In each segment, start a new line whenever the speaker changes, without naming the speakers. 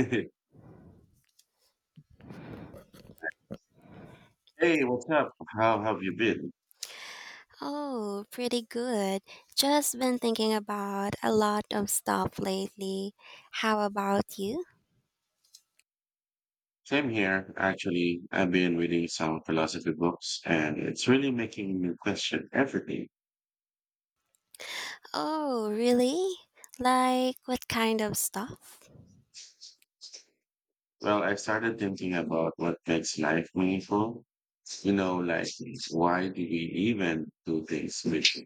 Hey, what's up? How have you been?
Oh, pretty good. Just been thinking about a lot of stuff lately. How about you?
Same here, actually. I've been reading some philosophy books, and it's really making me question everything.
Oh, really? Like what kind of stuff?
Well, I started thinking about what makes life meaningful. You know, like, why do we even do things?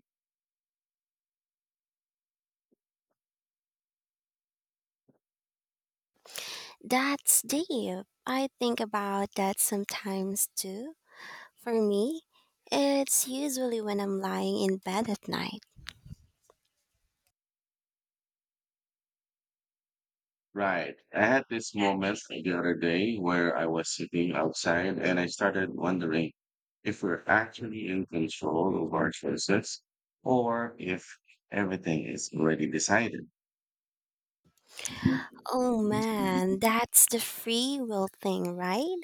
That's deep. I think about that sometimes too. For me, it's usually when I'm lying in bed at night.
Right. I had this moment the other day where I was sitting outside and I started wondering if we're actually in control of our choices or if everything is already decided.
Oh man, that's the free will thing, right?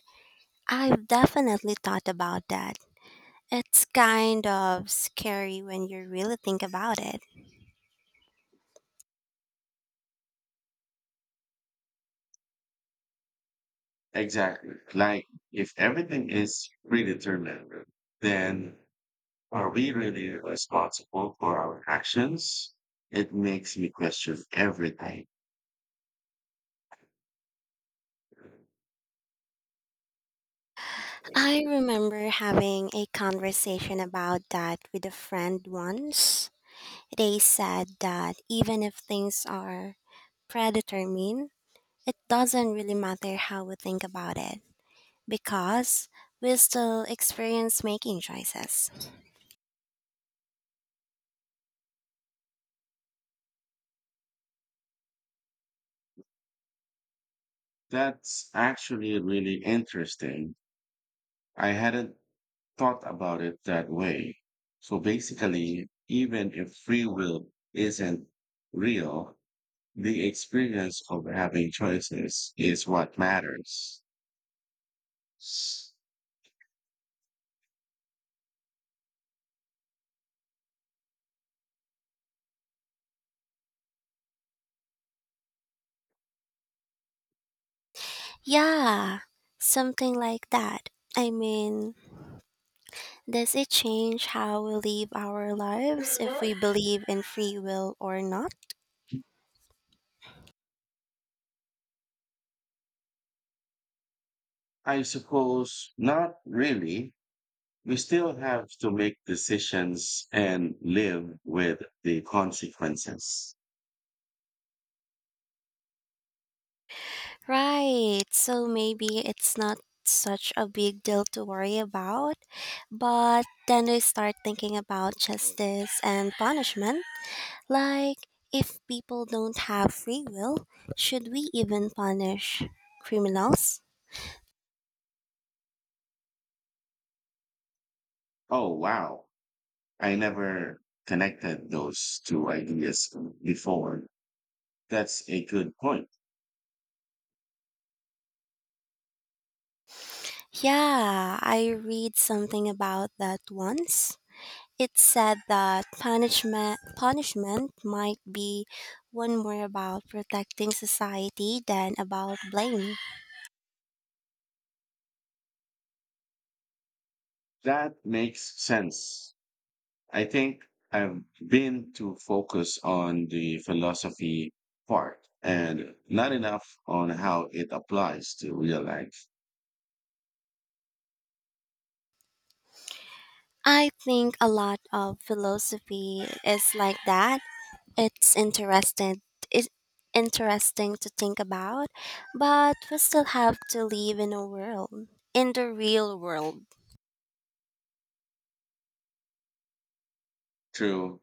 I've definitely thought about that. It's kind of scary when you really think about it.
Exactly. Like, if everything is predetermined, then are we really responsible for our actions? It makes me question everything.
I remember having a conversation about that with a friend once. They said that even if things are predetermined, it doesn't really matter how we think about it because we still experience making choices.
That's actually really interesting. I hadn't thought about it that way. So basically, even if free will isn't real, the experience of having choices is what matters.
Yeah, something like that. I mean, does it change how we live our lives if we believe in free will or not?
I suppose not really. We still have to make decisions and live with the consequences.
Right, so maybe it's not such a big deal to worry about, but then we start thinking about justice and punishment. Like, if people don't have free will, should we even punish criminals?
Oh, wow. I never connected those two ideas before. That's a good point.
Yeah, I read something about that once. It said that punishment might be one more about protecting society than about blame.
That makes sense. I think I've been too focused on the philosophy part and not enough on how it applies to real life.
I think a lot of philosophy is like that. It's interesting. It's interesting to think about, but we still have to live in the real world.
True.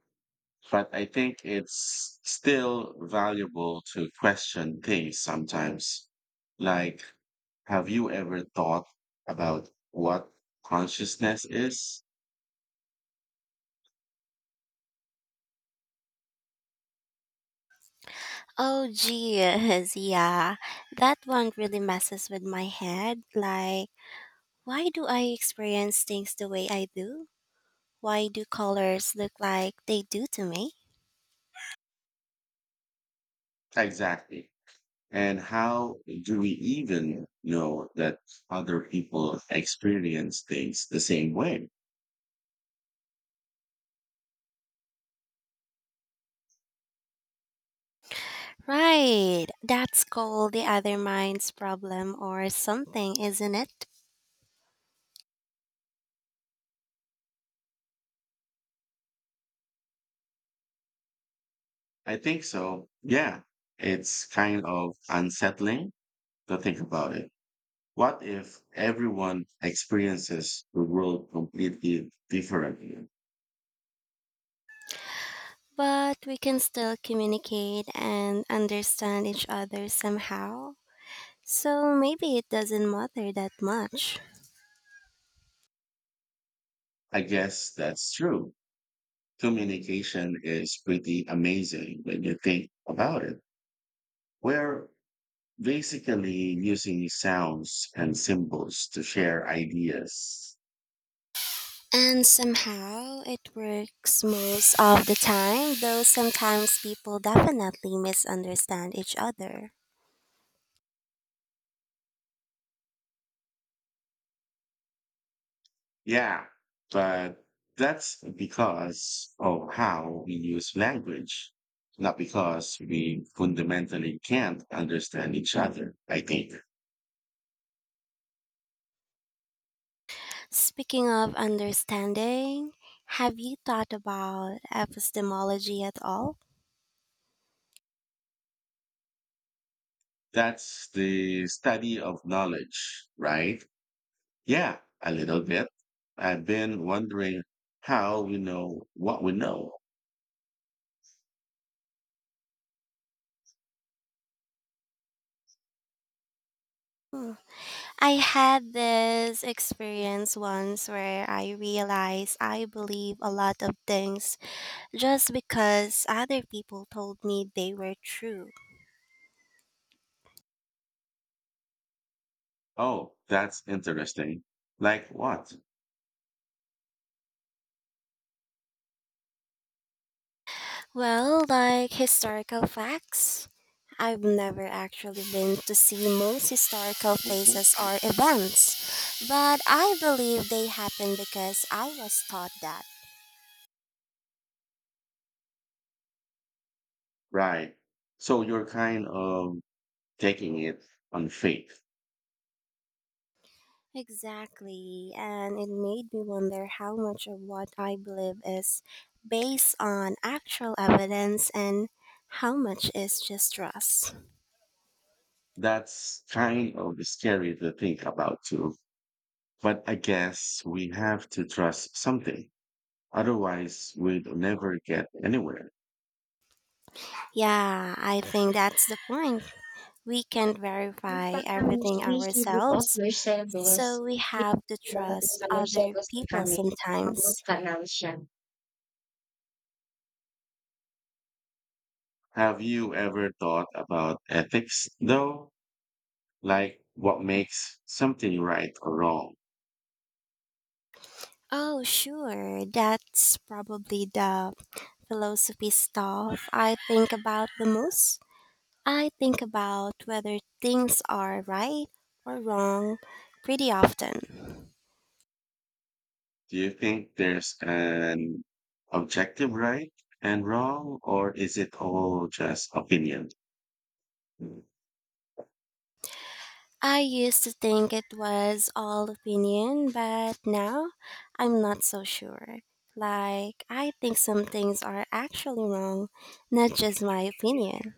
But I think it's still valuable to question things sometimes. Like, have you ever thought about what consciousness is?
Oh, geez, yeah. That one really messes with my head. Like, why do I experience things the way I do? Why do colors look like they do to me?
Exactly. And how do we even know that other people experience things the same way?
Right, that's called the other mind's problem or something, isn't it?
I think so. Yeah. It's kind of unsettling to think about it. What if everyone experiences the world completely differently?
But we can still communicate and understand each other somehow. So maybe it doesn't matter that much.
I guess that's true. Communication is pretty amazing when you think about it. We're basically using sounds and symbols to share ideas.
And somehow it works most of the time, though sometimes people definitely misunderstand each other.
Yeah, but that's because of how we use language, not because we fundamentally can't understand each other, I think.
Speaking of understanding, have you thought about epistemology at all?
That's the study of knowledge, right? Yeah, a little bit. I've been wondering how we know what we know.
Hmm. I had this experience once where I realized I believe a lot of things just because other people told me they were true.
Oh, that's interesting. Like what?
Well, like historical facts. I've never actually been to see most historical places or events, but I believe they happen because I was taught that.
Right. So you're kind of taking it on faith.
Exactly. And it made me wonder how much of what I believe is based on actual evidence and how much is just trust.
That's kind of scary to think about too. But I guess we have to trust something. Otherwise, we'd never get anywhere.
Yeah, I think that's the point. We can't verify everything
Nakakamiss because
ourselves,
Mercedes,
so we have to
nakarating
trust
sa
other
Mercedes na
people
kami,
sometimes.
mag-local siya. Have you ever thought about ethics, though? Like what makes something right or wrong?
Oh, sure, that's probably the philosophy stuff I think about the most. I think about whether things are right or wrong pretty often.
Do you think there's an objective right and wrong, or is it all just opinion? Mm.
I used to think it was all opinion, but now I'm not so sure. Like, I think some things are actually wrong, not just my opinion.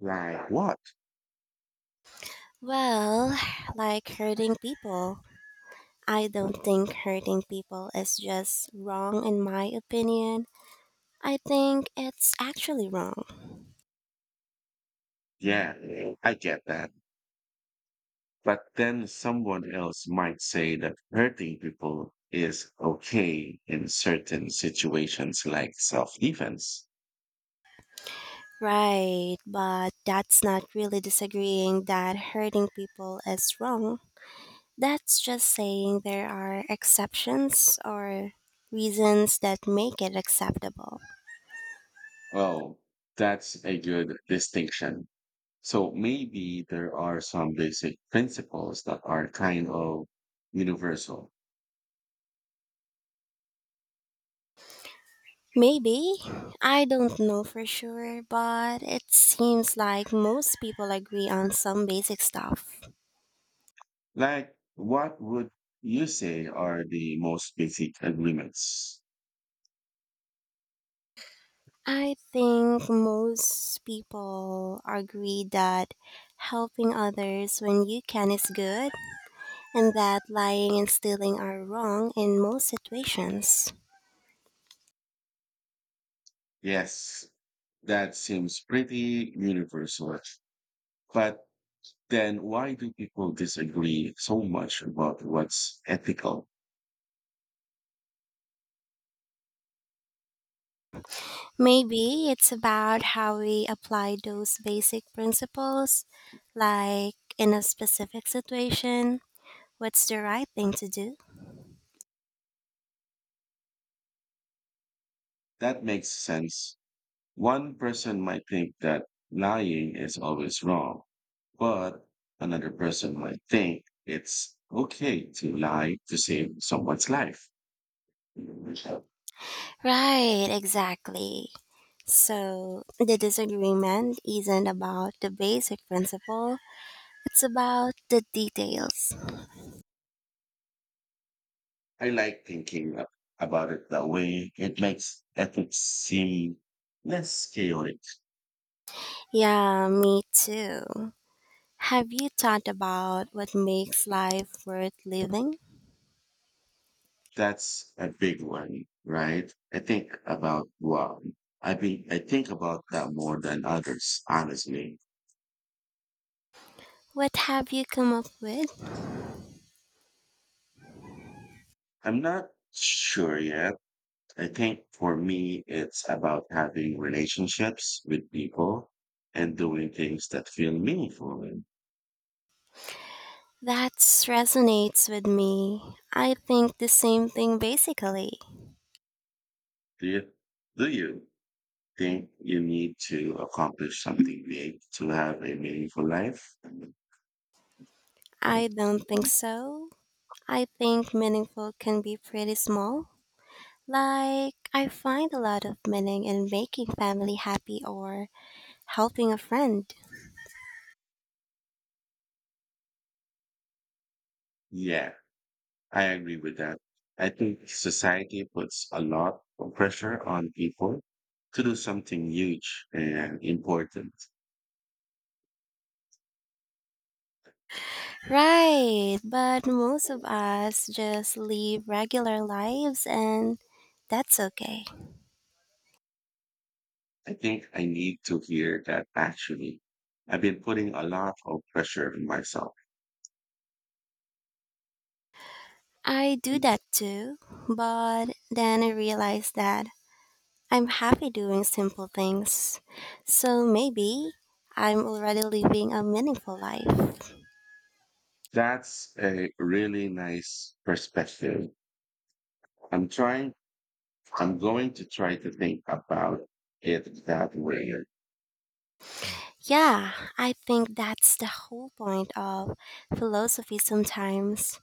Like what?
Well, like hurting people. I don't think hurting people is just wrong in my opinion. I think it's actually wrong.
Yeah, I get that. But then someone else might say that hurting people is okay in certain situations like self defense.
Right, but that's not really disagreeing that hurting people is wrong. That's just saying there are exceptions or reasons that make it acceptable.
Oh, that's a good distinction. So maybe there are some basic principles that are kind of universal.
Maybe, I don't know for sure, but it seems like most people agree on some basic stuff.
Like, what would you say are the most basic agreements?
I think most people agree that helping others when you can is good and that lying and stealing are wrong in most situations.
Yes, that seems pretty universal. But then why do people disagree so much about what's ethical?
Maybe it's about how we apply those basic principles, like in a specific situation, what's the right thing to do?
That makes sense. One person might think that lying is always wrong, but another person might think it's okay to lie to save someone's life.
Right, exactly. So the disagreement isn't about the basic principle, it's about the details.
I like about it that way. It makes ethics seem less chaotic.
Yeah, me too. Have you thought about what makes life worth living?
That's a big one, right? I think about well, I think about that more than others, honestly.
What have you come up with?
I'm not sure yet. I think for me, it's about having relationships with people and doing things that feel meaningful. And
That resonates with me. I think the same thing basically.
do you, do you think you need to accomplish something big to have a meaningful life?
I don't think so. I think meaningful can be pretty small. Like, I find a lot of meaning in making family happy or helping a friend.
Yeah, I agree with that. I think society puts a lot of pressure on people to do something huge and important.
Right, but most of us just live regular lives and that's okay.
I think I need to hear that, actually. I've been putting a lot of pressure on myself.
I do that too, but then I realized that I'm happy doing simple things. So maybe I'm already living a meaningful life.
That's a really nice perspective. I'm trying, I'm going to try to think about it that way.
Yeah, I think that's the whole point of philosophy sometimes.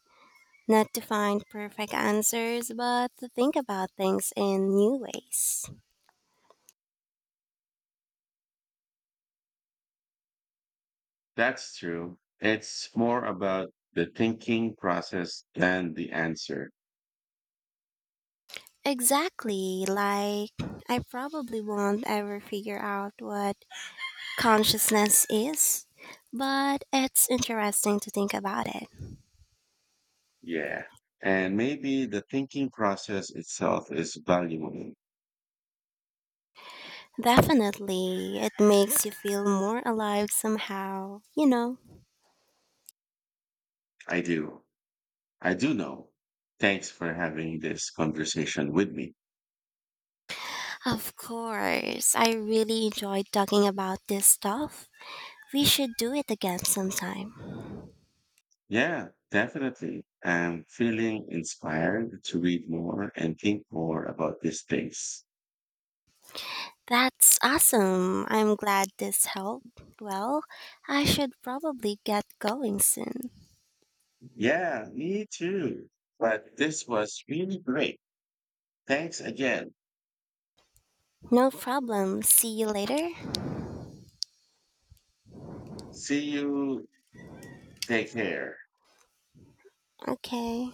Not to find perfect answers, but to think about things in new ways.
That's true. It's more about the thinking process than the answer.
Exactly, like I probably won't ever figure out what consciousness is, but it's interesting to think about it.
Yeah. And maybe the thinking process itself is valuable.
Definitely. It makes you feel more alive somehow.
I do. I do know. Thanks for having this conversation with me.
Of course. I really enjoyed talking about this stuff. We should do it again sometime.
Yeah, definitely. I'm feeling inspired to read more and think more about this space.
That's awesome. I'm glad this helped. Well, I should probably get going soon.
Yeah, me too. But this was really great. Thanks again.
No problem. See you later.
See you. Take care.
Okay.